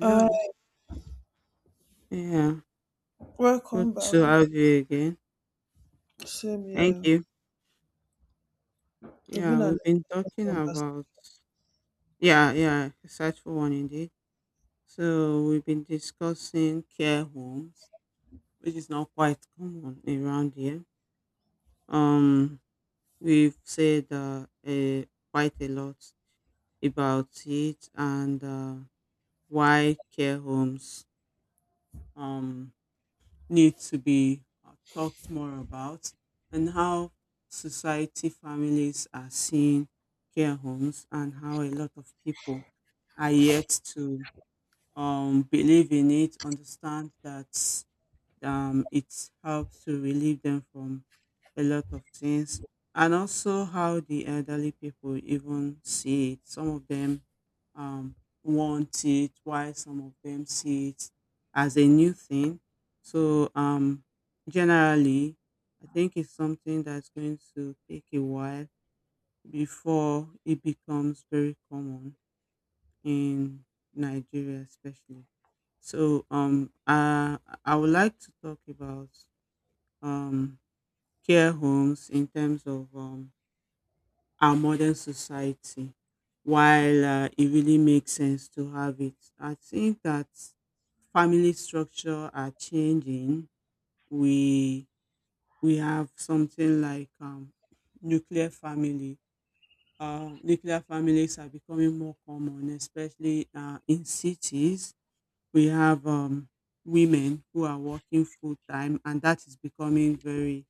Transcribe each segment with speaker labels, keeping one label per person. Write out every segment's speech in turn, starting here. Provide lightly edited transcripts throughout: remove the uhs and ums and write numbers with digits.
Speaker 1: Uh,
Speaker 2: Yeah. Good
Speaker 1: Welcome back.
Speaker 2: to have you again.
Speaker 1: Same
Speaker 2: Thank
Speaker 1: here.
Speaker 2: you.
Speaker 1: We've been
Speaker 2: Yeah,
Speaker 1: an
Speaker 2: we've been talking about. Yeah, yeah, search for one indeed. So we've been discussing care homes, which is not quite common around here. Um, we've said quite a lot about it and why care homes. Um, Need to be talked more about, and how society, families are seeing care homes, and how a lot of people are yet to believe in it, understand that it helps to relieve them from a lot of things. And also how the elderly people even see it. Some of them um, want it. Why some of them see it as a new thing. So generally I think it's something that's going to take a while before it becomes very common in Nigeria especially. So I would like to talk about um, care homes in terms of our modern society, while it really makes sense to have it. I think that family structure are changing. We have something like nuclear family. Nuclear families are becoming more common, especially in cities. We have women who are working full time, and that is becoming very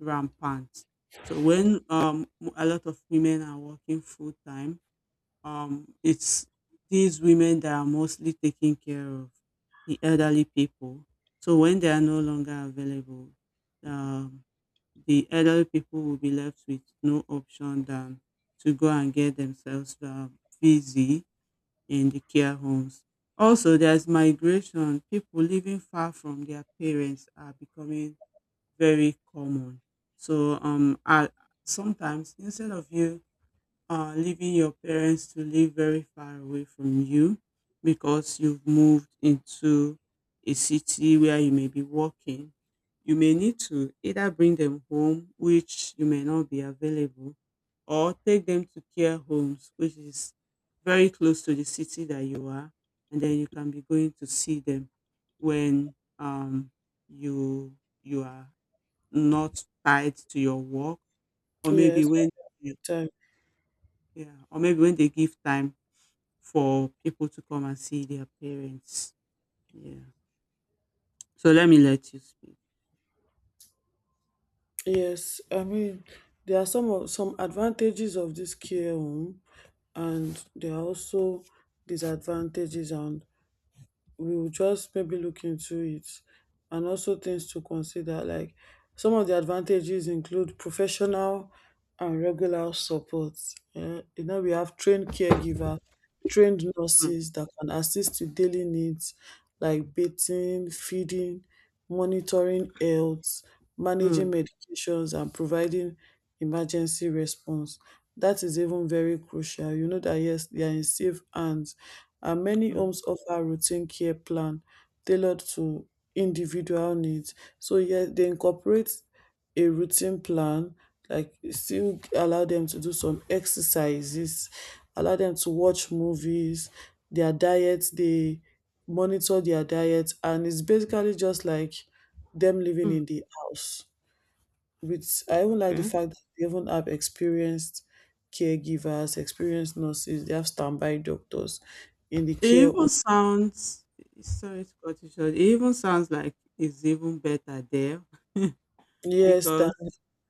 Speaker 2: rampant. So when a lot of women are working full time, it's these women that are mostly taking care of the elderly people. So when they are no longer available, um, the elderly people will be left with no option than to go and get themselves busy in the care homes. Also, there's migration. People living far from their parents are becoming very common. So, sometimes instead of you leaving your parents to live very far away from you because you've moved into a city where you may be working. You may need to either bring them home, which you may not be available, or take them to care homes, which is very close to the city that you are, and then you can be going to see them when you you are not tied to your work, or maybe
Speaker 1: Yes,
Speaker 2: when,
Speaker 1: big time.
Speaker 2: yeah, or maybe when they give time for people to come and see their parents. Yeah. So let me let you speak.
Speaker 1: Yes, I mean there are some advantages of this care home, and there are also disadvantages, and we will just maybe look into it and also things to consider like some of the advantages include professional and regular support you know we have trained caregivers, trained
Speaker 2: Mm.
Speaker 1: nurses that can assist with daily needs like bathing, feeding, monitoring health,
Speaker 2: Mm.
Speaker 1: managing medications and providing emergency response. That is even very crucial. You know that yes, they are in safe hands. And many
Speaker 2: Mm.
Speaker 1: homes offer routine care plan tailored to individual needs. So yes, they incorporate a routine plan, like still allow them to do some exercises, allow them to watch movies, their diet, they monitor their diet, and it's basically just like them living in
Speaker 2: Mm.
Speaker 1: the house with. I even like the
Speaker 2: Okay.
Speaker 1: fact that they even have experienced caregivers, experienced nurses, they have standby doctors in the
Speaker 2: It
Speaker 1: care
Speaker 2: even
Speaker 1: home.
Speaker 2: sounds, sorry to cut you short. It even sounds like it's even better there.
Speaker 1: Yes, that
Speaker 2: Because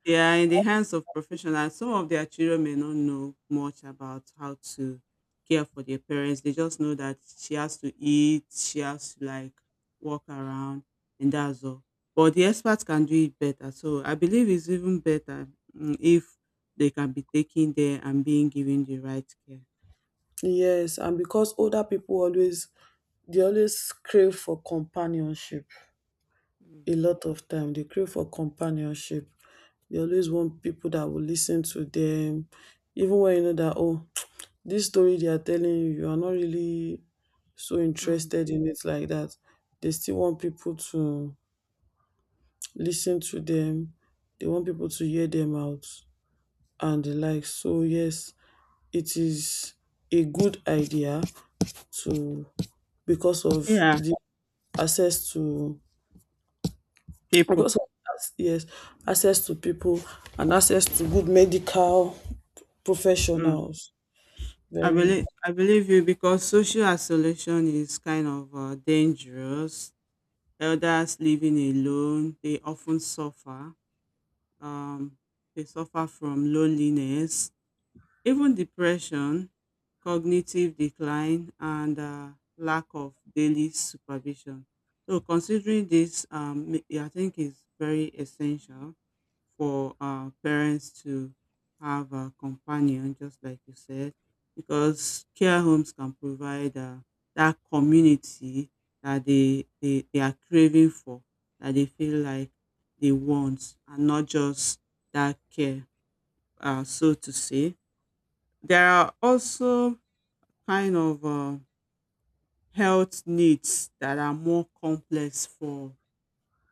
Speaker 2: they are in the hands of professionals. Some of their children may not know much about how to care for their parents. They just know that she has to eat, she has to like walk around, and that's all. But the experts can do it better. So I believe it's even better, if they can be taken there and being given the right care.
Speaker 1: yes, and because older people always, they always crave for companionship.
Speaker 2: Mm.
Speaker 1: A lot of time they crave for companionship. They always want people that will listen to them, even when you know that oh, this story they are telling you, you are not really so
Speaker 2: Mm.
Speaker 1: interested in it like that. They still want people to listen to them, they want people to hear them out and the like. So yes, it is a good idea to, because of
Speaker 2: Yeah,
Speaker 1: the access to,
Speaker 2: people.
Speaker 1: because of yes, access to people and access to good medical
Speaker 2: Mm.
Speaker 1: professionals.
Speaker 2: I
Speaker 1: Very,
Speaker 2: believe I believe you because social isolation is kind of dangerous. Elders living alone, they often suffer. Um, they suffer from loneliness, even depression, cognitive decline, and lack of daily supervision. So, considering this, I think is very essential for parents to have a companion, just like you said, because care homes can provide that community that they are craving for, that they feel like they want, and not just that care, so to say. There are also kind of health needs that are more complex for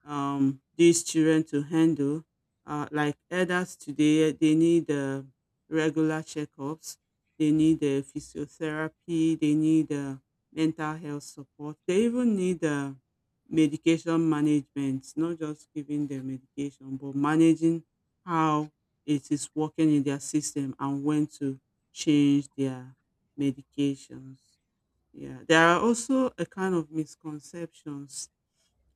Speaker 2: these children to handle. Like elders today, they need regular checkups, they need physiotherapy, they need mental health support, they even need medication management, not just giving them medication, but managing how it is working in their system and when to change their medications. Yeah, there are also a kind of misconceptions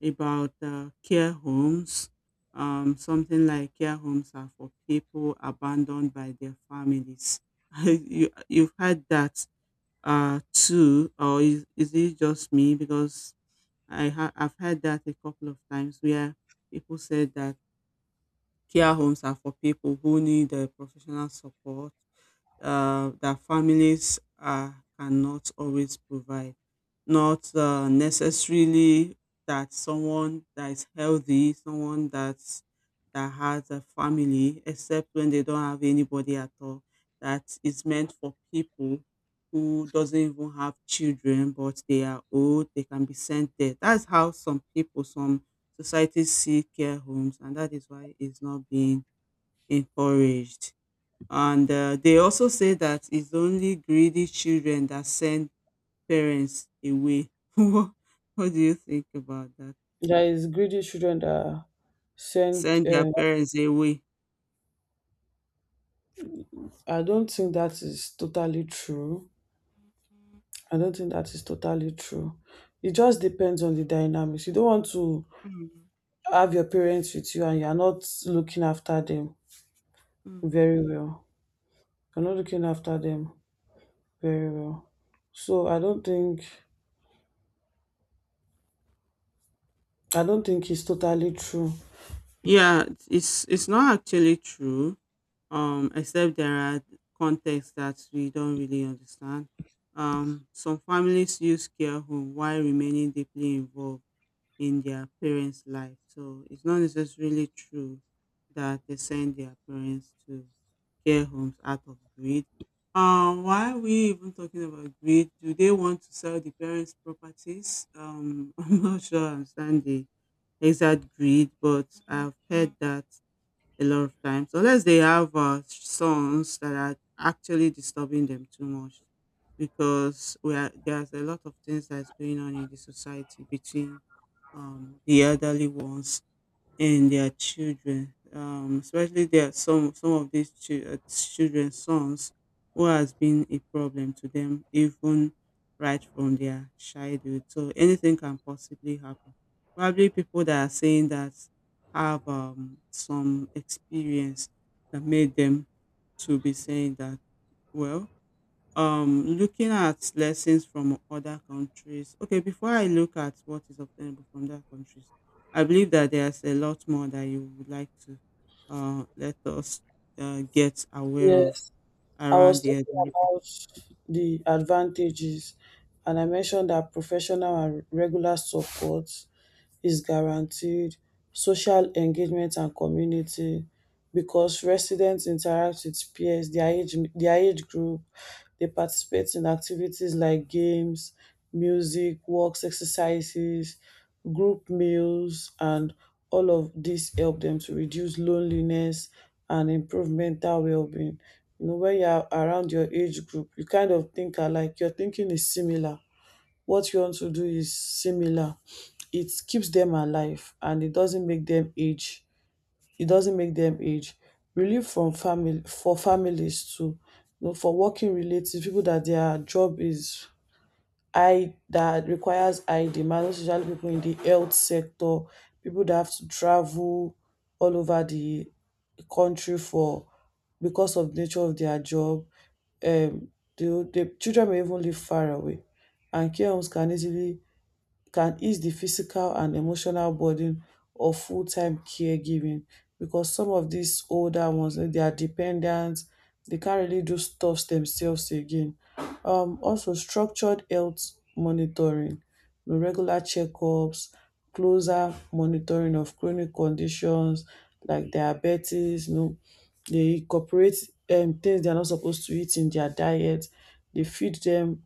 Speaker 2: about care homes. Something like care homes are for people abandoned by their families. You've had that too, or is it just me? Because I've had that a couple of times where people said that care homes are for people who need professional support that families cannot always provide, not necessarily that someone that is healthy, someone that's that has a family, except when they don't have anybody at all. That is meant for people who doesn't even have children, but they are old. They can be sent there. That's how some people, some societies see care homes, and that is why it's not being encouraged. And they also say that it's only greedy children that send parents away. what what do you think about that?
Speaker 1: there is greedy children that are sent.
Speaker 2: Send their parents away.
Speaker 1: I don't think that is totally true. I don't think that is totally true. It just depends on the dynamics. You don't want to
Speaker 2: Mm.
Speaker 1: have your parents with you and you're not looking after them
Speaker 2: Mm.
Speaker 1: very well, you're not looking after them very well, so I don't think it's totally true.
Speaker 2: Yeah, it's not actually true. Except there are contexts that we don't really understand. Some families use care home while remaining deeply involved in their parents' life. So it's not necessarily true that they send their parents to care homes out of greed. Why are we even talking about greed? Do they want to sell the parents' properties? I'm not sure I understand the exact greed, but I've heard that a lot of times. So unless they have sons that are actually disturbing them too much, because there's a lot of things that's going on in the society between the elderly ones and their children. Especially there are some of these children, sons who has been a problem to them even right from their childhood. So anything can possibly happen. Probably people that are saying that have some experience that made them to be saying that. well Looking at lessons from other countries, okay, before I look at what is obtainable from other countries, I believe that there's a lot more that you would like to let us get aware of
Speaker 1: Yes, I
Speaker 2: around
Speaker 1: was
Speaker 2: the
Speaker 1: talking
Speaker 2: elderly people
Speaker 1: about the advantages, and I mentioned that professional and regular support is guaranteed, social engagement and community because residents interact with peers, their age group, they participate in activities like games, music, walks, exercises, group meals, and all of dis help them to reduce loneliness and improve mental wellbeing. You know when you are around your age group, you kind of think alike, your thinking is similar, what you want to do is similar, it keeps them alive and it doesn't make them age it doesn't make them age Relief from family, for families too, you know, for working relatives, people that their job is high, that requires high demand, especially people in the health sector, people that have to travel all over the country for, because of nature of their job, um the children may even live far away, and care homes can ease the physical and emotional burden of full time caregiving, because some of these older ones, they are dependent, they can't really do stuff themselves again. Also, structured health monitoring, you know, regular checkups, closer monitoring of chronic conditions like diabetes, you know, they incorporate things they're not supposed to eat in their diet, they feed them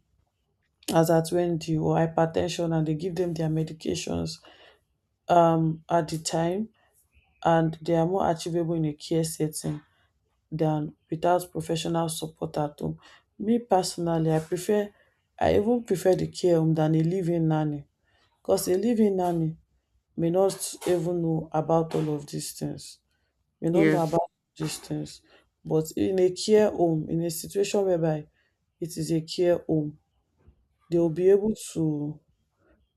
Speaker 1: as at when due, or hypertension, and they give them their medications at the time, and they are more achievable in a care setting than without professional support at home. Me personally, I even prefer the care home than a live-in nanny, because a live-in nanny may not even know about all of these things, may not know
Speaker 2: here.
Speaker 1: about these things. But in a care home, in a situation whereby it is a care home, they will
Speaker 2: Mm.
Speaker 1: be able to.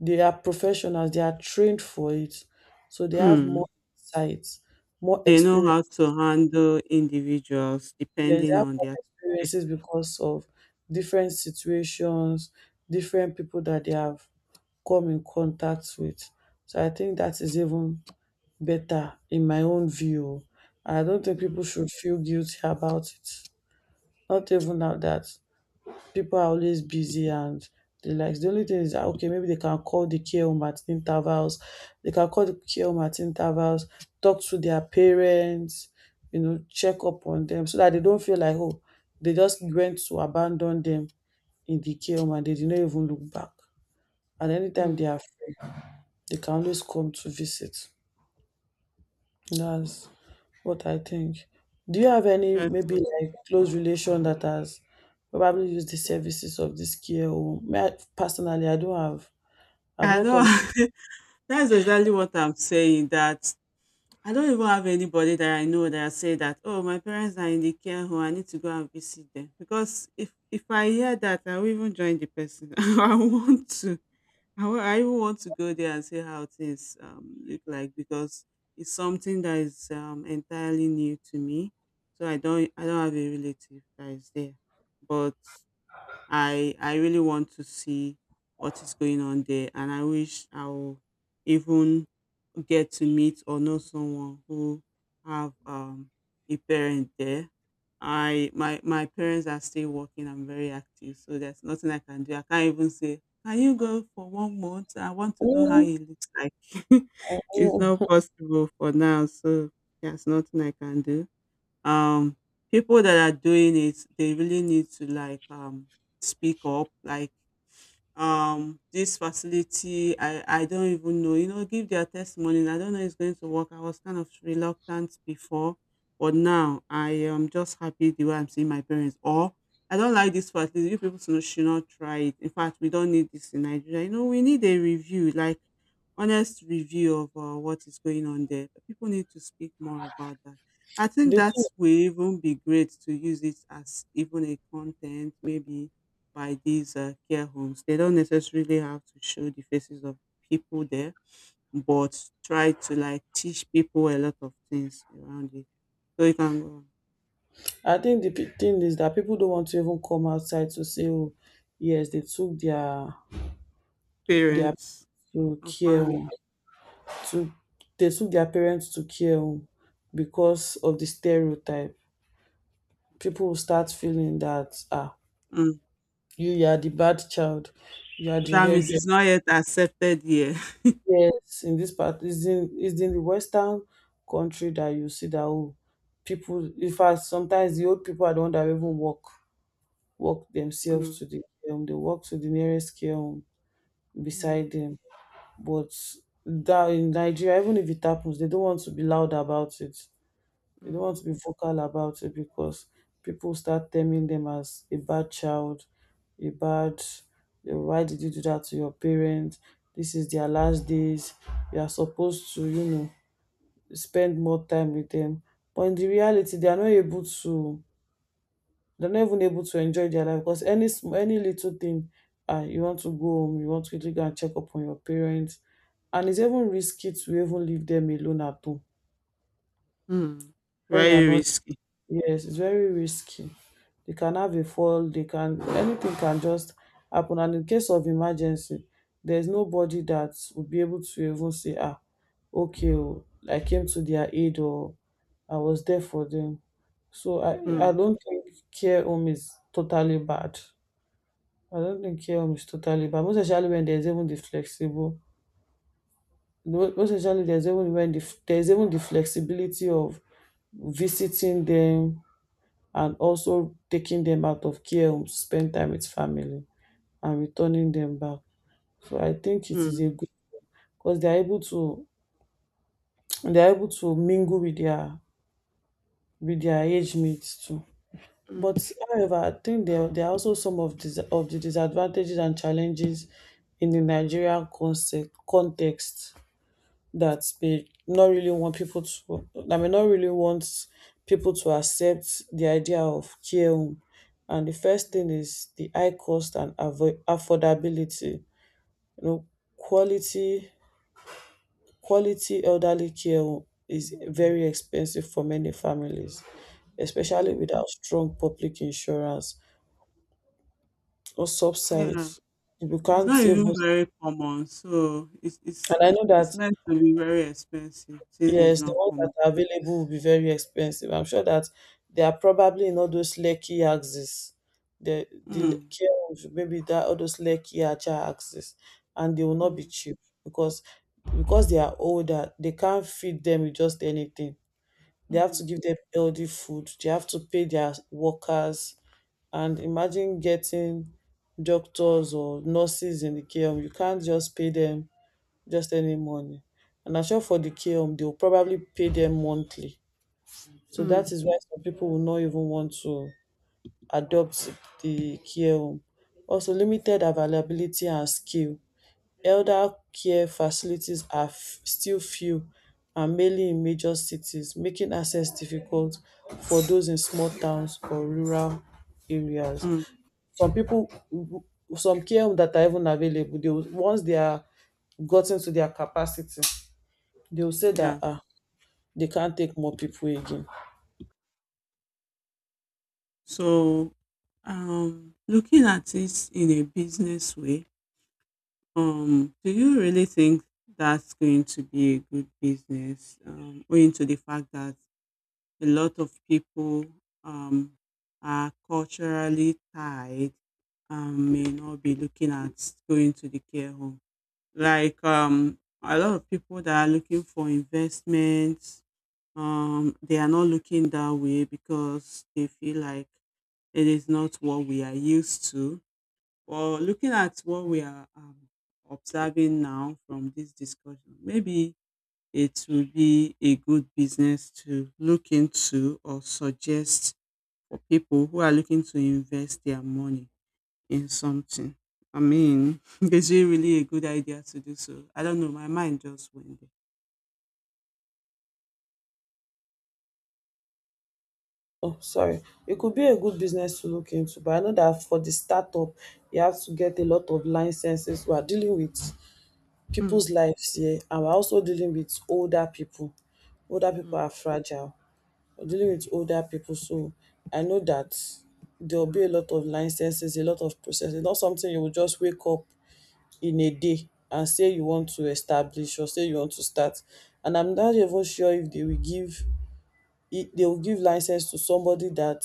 Speaker 1: They are professionals, they are trained for it. So they have more
Speaker 2: Mm.
Speaker 1: insights, more
Speaker 2: They know
Speaker 1: experience.
Speaker 2: how to handle individuals
Speaker 1: Yes, they
Speaker 2: depending
Speaker 1: have
Speaker 2: on
Speaker 1: more
Speaker 2: their
Speaker 1: experiences
Speaker 2: situation.
Speaker 1: because of different situations, different people that they have come in contact with. So I think that is even better in my own view. I don't think
Speaker 2: Mm.
Speaker 1: people should feel guilty about it. Not even now that people are always busy and the likes. The only thing is that okay, maybe they can call the care home at intervals. They can call the care home at intervals, talk to their parents, you know, check up on them so that they don't feel like oh, they just went to abandon them in the care home and they did not even look back. And anytime they are
Speaker 2: Mm.
Speaker 1: free, they can always come to visit. That's what I think. Do you have any
Speaker 2: Yes,
Speaker 1: maybe like close relation that has probably used the services of this care home? Me, personally, I don't have. I've
Speaker 2: I
Speaker 1: not
Speaker 2: know.
Speaker 1: come.
Speaker 2: That's exactly what I'm saying, that I don't even have anybody that I know that say that, oh, my parents are in the care home. I need to go and visit them. Because if I hear that, I will even join the person. I want to. I even want to go there and see how things look like, because it's something that is entirely new to me. So I don't have a relative that is there, but I really want to see what is going on there, and I wish I will even get to meet or know someone who have a parent there. I my my parents are still working. I'm very active, so there's nothing I can do. I can't even say, "Can you go for 1 month? I want to know how
Speaker 1: Mm,
Speaker 2: he looks like." It's not
Speaker 1: mm.
Speaker 2: possible for now, so there's nothing I can do. Um, People that are doing it, they really need to like speak up, like this facility, I don't even know, give their testimony, and I don't know, it's going to work. I was kind of reluctant before, but now I am just happy the way I'm seeing my parents, or I don't like this facility, you people should not try it. In fact, we don't need this in Nigeria, you know. We need a review, like honest review of what is going on there. People need to speak more about that. I think
Speaker 1: The
Speaker 2: that
Speaker 1: thing,
Speaker 2: will even be great to use it as even a content maybe by these care homes. They don't necessarily have to show the faces of people there, but try to like teach people a lot of things around it. So you can go on.
Speaker 1: I think the thing is that people don't want to even come outside to say, "Oh, yes, they took their
Speaker 2: Parents
Speaker 1: to
Speaker 2: or
Speaker 1: care
Speaker 2: family.
Speaker 1: home. To they took their parents to care home because of the stereotype." People will start feeling that ah,
Speaker 2: Mm.
Speaker 1: you are the bad child. You are the
Speaker 2: That means
Speaker 1: rebel.
Speaker 2: it's not yet accepted here.
Speaker 1: Yes, in this part, is in the Western country that you see that oh, people. In fact, sometimes the old people are the one that even walk themselves
Speaker 2: Mm.
Speaker 1: to the they walk to the nearest care home
Speaker 2: Mm.
Speaker 1: beside them. But that in Nigeria, even if it happens, they don't want to be loud about it. They don't
Speaker 2: Mm.
Speaker 1: want to be vocal about it because people start terming them as a bad child, a bad, eh, why did you do that to your parents? This is their last days. You are supposed to, you know, spend more time with them. But in the reality, they are not able to, they're not even able to enjoy their life because any little thing, you want to go home, you want to quickly go and check up on your parents. And it's even risky to even leave them alone at home
Speaker 2: Mm.
Speaker 1: when you're
Speaker 2: Very
Speaker 1: not.
Speaker 2: risky.
Speaker 1: Yes, it's very risky. They can have a fall, they can, anything can just happen. And in case of emergency, there's nobody that will be able to even say, ah, okay, oh, I came to their aid or I was there for them. So I,
Speaker 2: Mm.
Speaker 1: I don't think care home is totally bad. I don't think care home is totally bad. Most especially there's even the flexibility of visiting them and also taking them out of care homes to spend time with family and returning them back. So I think it is a
Speaker 2: Mm.
Speaker 1: good, because they are able to, they are able to mingle with their age mates too.
Speaker 2: Mm.
Speaker 1: But however, I think there are also some of dis of the disadvantages and challenges in the Nigerian concept context, that may not really want people to, that may not really want people to accept the idea of care home. And the first thing is the high cost and affordability. You know, quality quality elderly care home is very expensive for many families, especially
Speaker 2: Mm.
Speaker 1: without strong public insurance or
Speaker 2: Yeah,
Speaker 1: subsidies. You
Speaker 2: it's not
Speaker 1: can't even,
Speaker 2: even very common, so it's
Speaker 1: and
Speaker 2: it's
Speaker 1: I
Speaker 2: it,
Speaker 1: know
Speaker 2: it's
Speaker 1: that,
Speaker 2: meant to be very expensive since it's
Speaker 1: yes, the
Speaker 2: not
Speaker 1: ones that
Speaker 2: common.
Speaker 1: are available will be very expensive. I'm sure that they are probably in all those Lekki axes. The the
Speaker 2: Mm.
Speaker 1: Lekki, ones, maybe that all those Lekki Ajah axes, and they will not be
Speaker 2: Mm.
Speaker 1: cheap, because because they are older, they can't feed them with just anything. They have to
Speaker 2: Mm.
Speaker 1: give them healthy food. They have to pay their workers, and imagine getting doctors or nurses in the care. You can't just pay them just any money. And I'm sure for the KM, they'll probably pay them monthly. So
Speaker 2: Mm.
Speaker 1: that is why some people will not even want to adopt the care home. Also, limited availability and skill. Elder care facilities are still few and mainly in major cities, making access difficult for those in small towns or rural areas.
Speaker 2: Mm.
Speaker 1: Some people, some care home that are even available, they will, once they are gotten to their capacity, they'll say that
Speaker 2: Yeah.
Speaker 1: ah, they can't take more people again.
Speaker 2: So, looking at it in a business way, do you really think that's going to be a good business, owing to the fact that a lot of people um, are culturally tied, may not be looking at going to the care home. Like a lot of people that are looking for investments, they are not looking that way because they feel like it is not what we are used to. But looking at what we are observing now from this discussion, maybe it will be a good business to look into or suggest for people who are looking to invest their money in something. I mean, is it really a good idea to do so? I don't know. My mind just went there.
Speaker 1: Oh, sorry. It could be a good business to look into, but I know that for the startup, you have to get a lot of licenses. We are dealing with
Speaker 2: Hmm.
Speaker 1: people's lives here, and we're also dealing with older people. Older people
Speaker 2: Mm.
Speaker 1: are fragile. We're dealing with older people, so I know that there'll be a lot of licenses, a lot of processes. Not something you will just wake up in a day and say you want to establish or say you want to start. And I'm not even sure if they will give it, they will give license to somebody that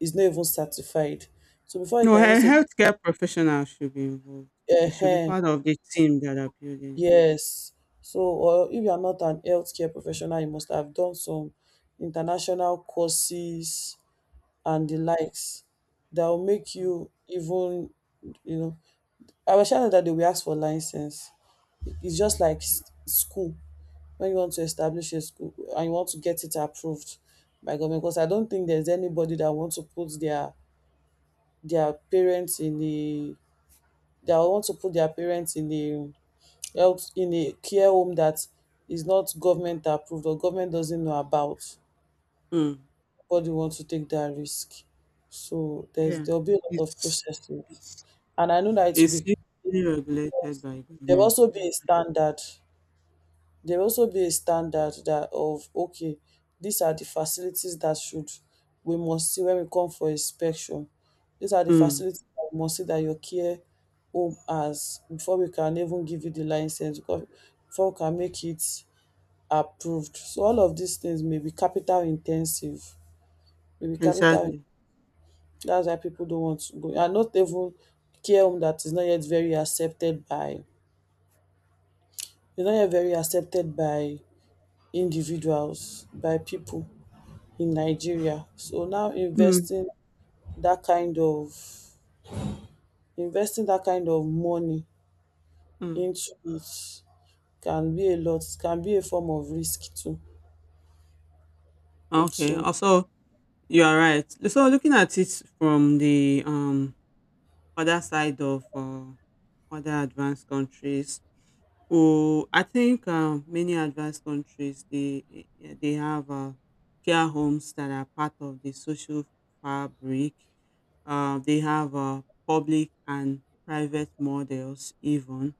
Speaker 1: is not even certified. So before you
Speaker 2: No,
Speaker 1: can even
Speaker 2: a
Speaker 1: say,
Speaker 2: healthcare professional should be involved. It should be
Speaker 1: eh,
Speaker 2: part of the team that are building.
Speaker 1: yes. So, or if you are not an healthcare professional, you must have done some international courses and the
Speaker 2: Mm.
Speaker 1: likes that will make
Speaker 2: Mm.
Speaker 1: you even, you know. I was sure that they will ask for license. It's just
Speaker 2: Mm.
Speaker 1: like school when you want to establish a school and you want to get it approved by government. Because I don't think there's anybody that wants to put their parents in the, they want to put their parents in the health in a care home that is not government approved or government doesn't know about.
Speaker 2: Mm.
Speaker 1: Nobody wants to take that risk, so there's
Speaker 2: Yeah.
Speaker 1: there'll be a lot of
Speaker 2: It's
Speaker 1: processes,
Speaker 2: it's
Speaker 1: and I know that it will
Speaker 2: it's
Speaker 1: be,
Speaker 2: usually regulated by
Speaker 1: there'll
Speaker 2: government,
Speaker 1: also
Speaker 2: yeah.
Speaker 1: be a standard there will also be a standard that of, okay, these are the facilities that should, we must see when we come for inspection. These are the
Speaker 2: Mm,
Speaker 1: facilities that we must see that your care home has before we can even give you the license, because before we can make it approved. So all of these things may be capital in ten sive, may be capital.
Speaker 2: exactly.
Speaker 1: That's why people don't want to go and not even, care home that is not yet very accepted by, is not yet very accepted by individuals by people. In Nigeria. So now
Speaker 2: Mm,
Speaker 1: investing that kind of, investing that kind of money
Speaker 2: mm.
Speaker 1: into it can be a lot, can be a form of risk too.
Speaker 2: Okay,
Speaker 1: So
Speaker 2: also, you are right. So looking at it from the, other side of, other advanced countries who I think, many advanced countries, they they have, care homes that are part of the social fabric. They have public and private models even.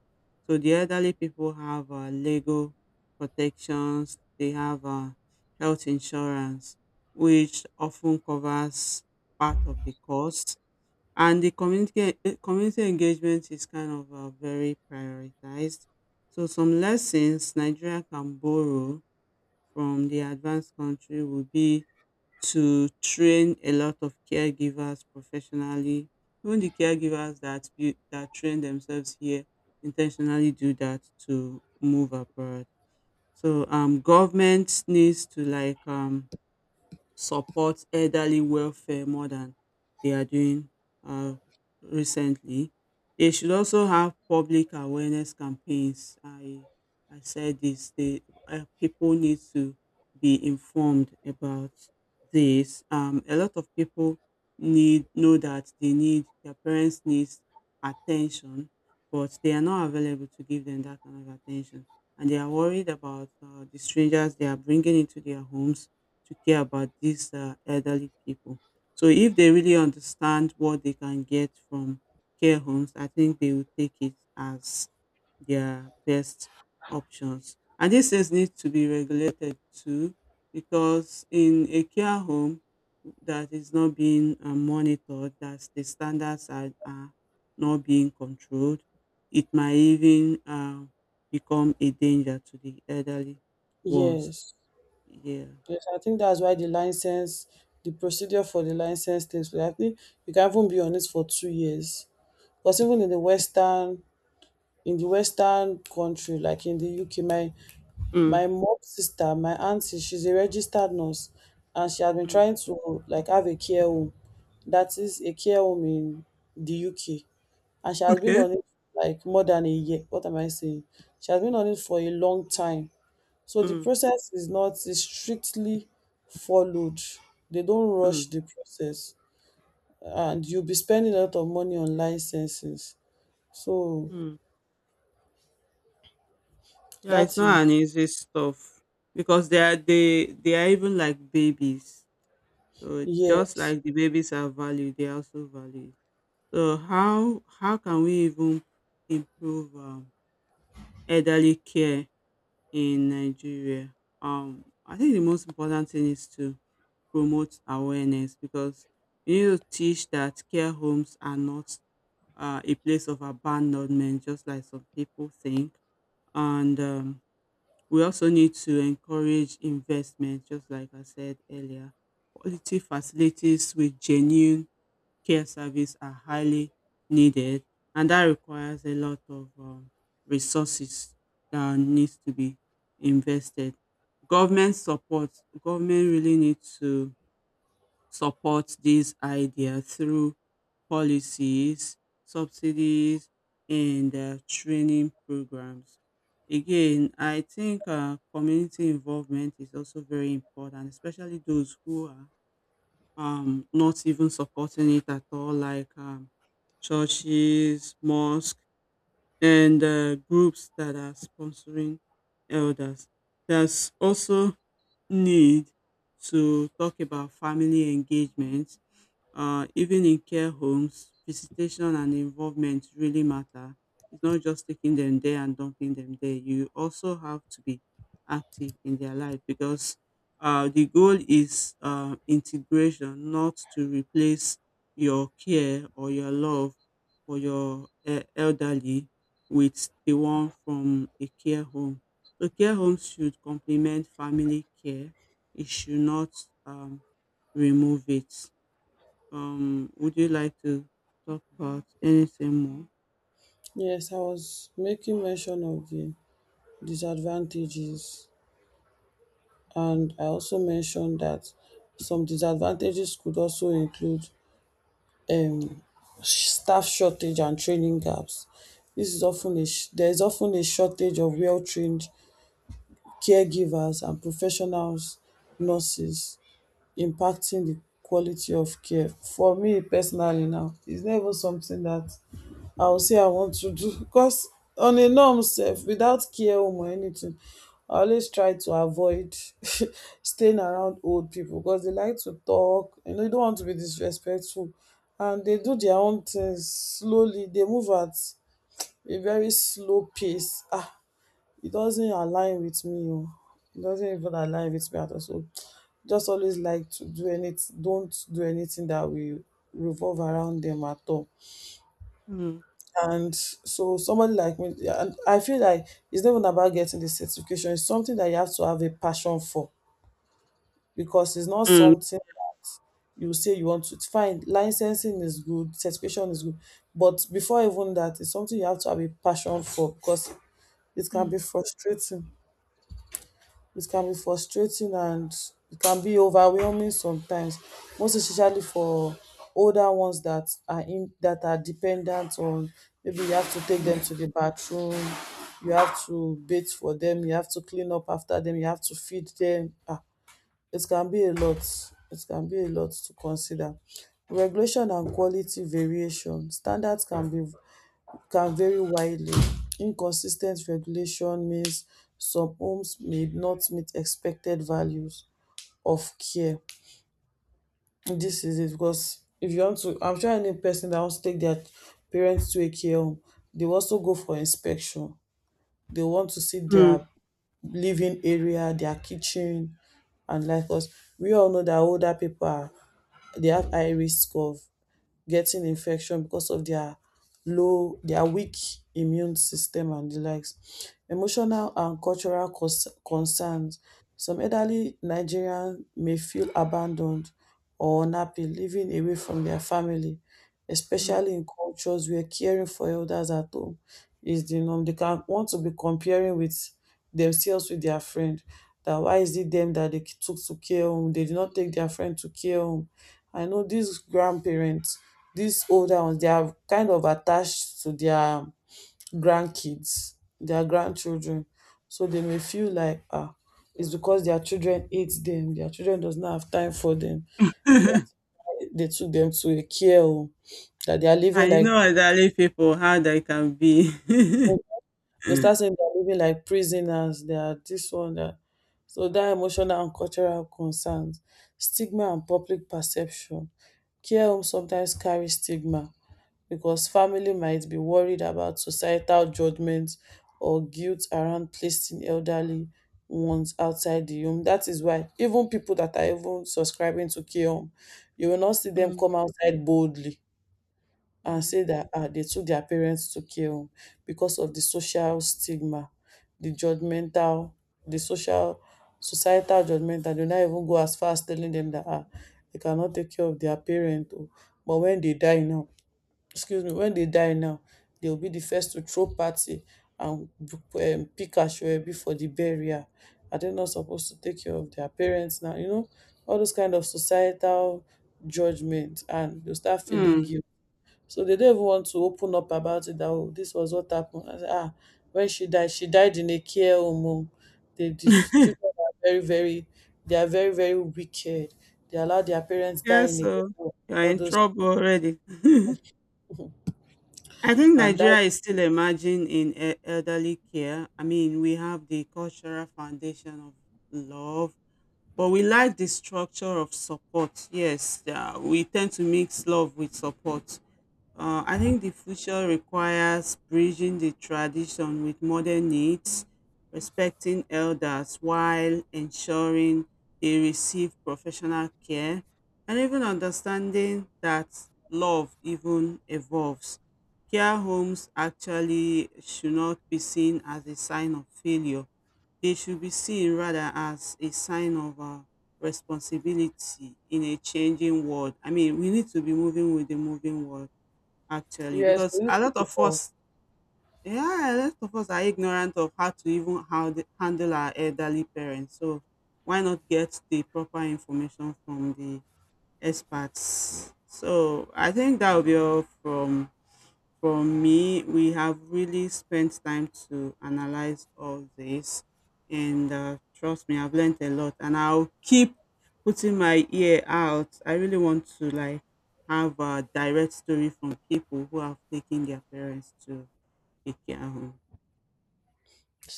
Speaker 2: So the elderly people have legal protections. They have health insurance, which often covers part of the cost. And the community community engagement is kind of very prioritized. So some lessons Nigeria can borrow from the advanced country will be to train a lot of caregivers professionally. Even the caregivers that train themselves here intentionally do that to move abroad. So government needs to like support elderly welfare more than they are doing uh, recently. They should also have public awareness campaigns. I said this. The people need to be informed about this. A lot of people need know that they need their parents needs attention, but they are not available to give them that kind of attention, and they are worried about the strangers they are bringing into their homes to care about these elderly people. So if they really understand what they can get from care homes, I think they will take it as their best options. And these things need to be regulated too, because in a care home that is not being monitored, that the standards are not being controlled, it might even become a danger to the elderly ones.
Speaker 1: yes.
Speaker 2: Yeah.
Speaker 1: Yes, I think that's why the license, the procedure for the license things, I think you can even be on it for 2 years. Because even in the Western country, like in the UK, my
Speaker 2: Mm.
Speaker 1: mom's sister, my auntie, she's a registered nurse and she has been trying to like have a care home. That is a care home in the UK. And she has been
Speaker 2: Okay.
Speaker 1: on it like more than a year. What am I saying? She has been on it for a long time. So the
Speaker 2: Mm,
Speaker 1: process is not is strictly followed. They don't rush
Speaker 2: mm,
Speaker 1: the process. And you'll be spending a lot of money on licenses. So
Speaker 2: mm. Yeah, it's
Speaker 1: that is
Speaker 2: not an easy stuff because they are even like babies. So just
Speaker 1: yes.
Speaker 2: like the babies are valued, they are also valued. So how can we even improve elderly care in Nigeria? I think the most important thing is to promote awareness because you need to teach that care homes are not a place of abandonment, just like some people think, and we also need to encourage investment, just like I said earlier. Quality facilities with genuine care service are highly needed, and that requires a lot of resources that needs to be invested. Government support, government really needs to support this idea through policies, subsidies, and training programs. Again, I think community involvement is also very important, especially those who are not even supporting it at all, like churches, mosques, and groups that are sponsoring elders. There's also need to talk about family engagement even in care homes, visitation and involvement really matter. It's not just taking them there and dumping them there. You also have to be active in their life because the goal is integration, not to replace your care or your love for your elderly with the one from a care home. So care homes should complement family care. It should not um, remove it. Would you like to talk about anything more?
Speaker 1: Yes, I was making mention of the disadvantages, and I also mentioned that some disadvantages could also include, um, staff shortage and training gaps. This is often a there is often a shortage of well-trained caregivers and professionals, nurses, impacting the quality of care. For me personally now, it's never something that I will say I want to do, because on a norm self without care home or anything, I always try to avoid staying around old people because they like to talk, you don't want to be disrespectful, and they do their own things slowly. They move at a very slow pace. Ah, it doesn't align with me. Oh, it doesn't even align with me at all. So just always like to do anything, don't do anything that will revolve around them at all.
Speaker 2: Mm,
Speaker 1: And so somebody like me, yeah, and I feel like it's not even about getting the certification. It's something that you have to have a passion for, because it's not
Speaker 2: mm,
Speaker 1: something you say you want to. It's fine. Licensing is good, certification is good, but before even that, it's something you have to have a passion for because it can be
Speaker 2: mm,
Speaker 1: frustrating. It can be frustrating, and it can be overwhelming sometimes, most especially for older ones that are in that are dependent on, maybe you have to take them
Speaker 2: mm,
Speaker 1: to the bathroom, you have to bathe for them, you have to clean up after them, you have to feed them. It can be a lot, it can be a lot to consider. Regulation and quality variation, standards can be, can vary widely. Inconsistent regulation means some homes may not meet expected values of care. This is it, because if you want to, I'm sure any person that wants to take their parents to a care home, they will also go for inspection. They want to see
Speaker 2: mm.
Speaker 1: their living area, their kitchen, and like us, we all know that older people are, they have high risk of getting infection because of their low, their weak immune system and the likes. Emotional and cultural concerns, some elderly Nigerians may feel abandoned or unhappy living away from their family,
Speaker 2: Mm.
Speaker 1: especially in cultures where caring for elders at home is the norm. They can want to be comparing with themselves with their friend, that why is it them that they took to care home, they did not take their friend to care home. I know these grandparents, these older ones, they are kind of attached to their grandkids, their grandchildren. So they may feel like, ah, it's because their children hate them, their children does not have time for them. They took them to a care home, that they are living
Speaker 2: I know
Speaker 1: like,
Speaker 2: elderly people how they can be. Mm,
Speaker 1: they start saying they are living like prisoners, they are this one that, so that emotional and cultural concerns, stigma and public perception. Care home sometimes carry stigma because family might be worried about societal judgment or guilt around placing elderly ones outside the home. That is why even people that are even subscribing to care home, you will not see them
Speaker 2: mm.
Speaker 1: come outside boldly and
Speaker 2: Mm.
Speaker 1: say that, ah, they took their parents to care home, because of the social stigma, the judgmental, the social, societal judgment, and they not even go as far as telling them that, ah, they cannot take care of their parent. Oh. But when they die now, excuse me, when they die now, they will be the first to throw party and pick Ashwebi for the burial. Are they not supposed to take care of their parents now? You know, all those kind of societal judgment, and they start feeling
Speaker 2: Mm.
Speaker 1: guilt. So they don't even want to open up about it, that oh, this was what happened. I say, ah, when she died in a care home. Oh. The children are they are very, very wicked. They allow their parents die
Speaker 2: Yeah,
Speaker 1: in a care
Speaker 2: so
Speaker 1: home,
Speaker 2: you're
Speaker 1: all
Speaker 2: in
Speaker 1: those,
Speaker 2: trouble already. I think
Speaker 1: and that,
Speaker 2: Nigeria is still emerging in elderly care. I mean, we have the cultural foundation of love, but we like the structure of support. Yes, we tend to mix love with support. I think the future requires bridging the tradition with modern needs, respecting elders while ensuring they receive professional care, and even understanding that love even evolves. Care homes actually should not be seen as a sign of failure. They should be seen rather as a sign of responsibility in a changing world. I mean, we need to be moving with the moving world actually
Speaker 1: yes,
Speaker 2: because
Speaker 1: we need
Speaker 2: a
Speaker 1: to
Speaker 2: lot of
Speaker 1: evolve.
Speaker 2: us yeah a lot of us are ignorant of how to even how the, handle our elderly parents so why not get the proper information from the experts so I think that will be all from for me, we have really spent time to analyze all this. And trust me, I've learned a lot. And I'll keep putting my ear out. I really want to like have a direct story from people who have taken their parents to a care home.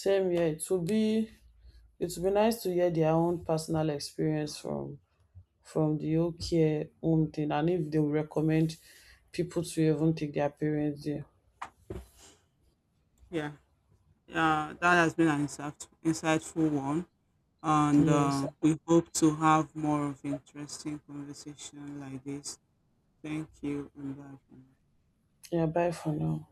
Speaker 1: Same here. It would be, it would be nice to hear their own personal experience from the whole care home thing, and if they will recommend people to even take their parents there.
Speaker 2: Yeah, that has been an insightful one. And
Speaker 1: Yes.
Speaker 2: we hope to have more of interesting conversation like this. Thank you and bye for now.
Speaker 1: Yeah, bye for now.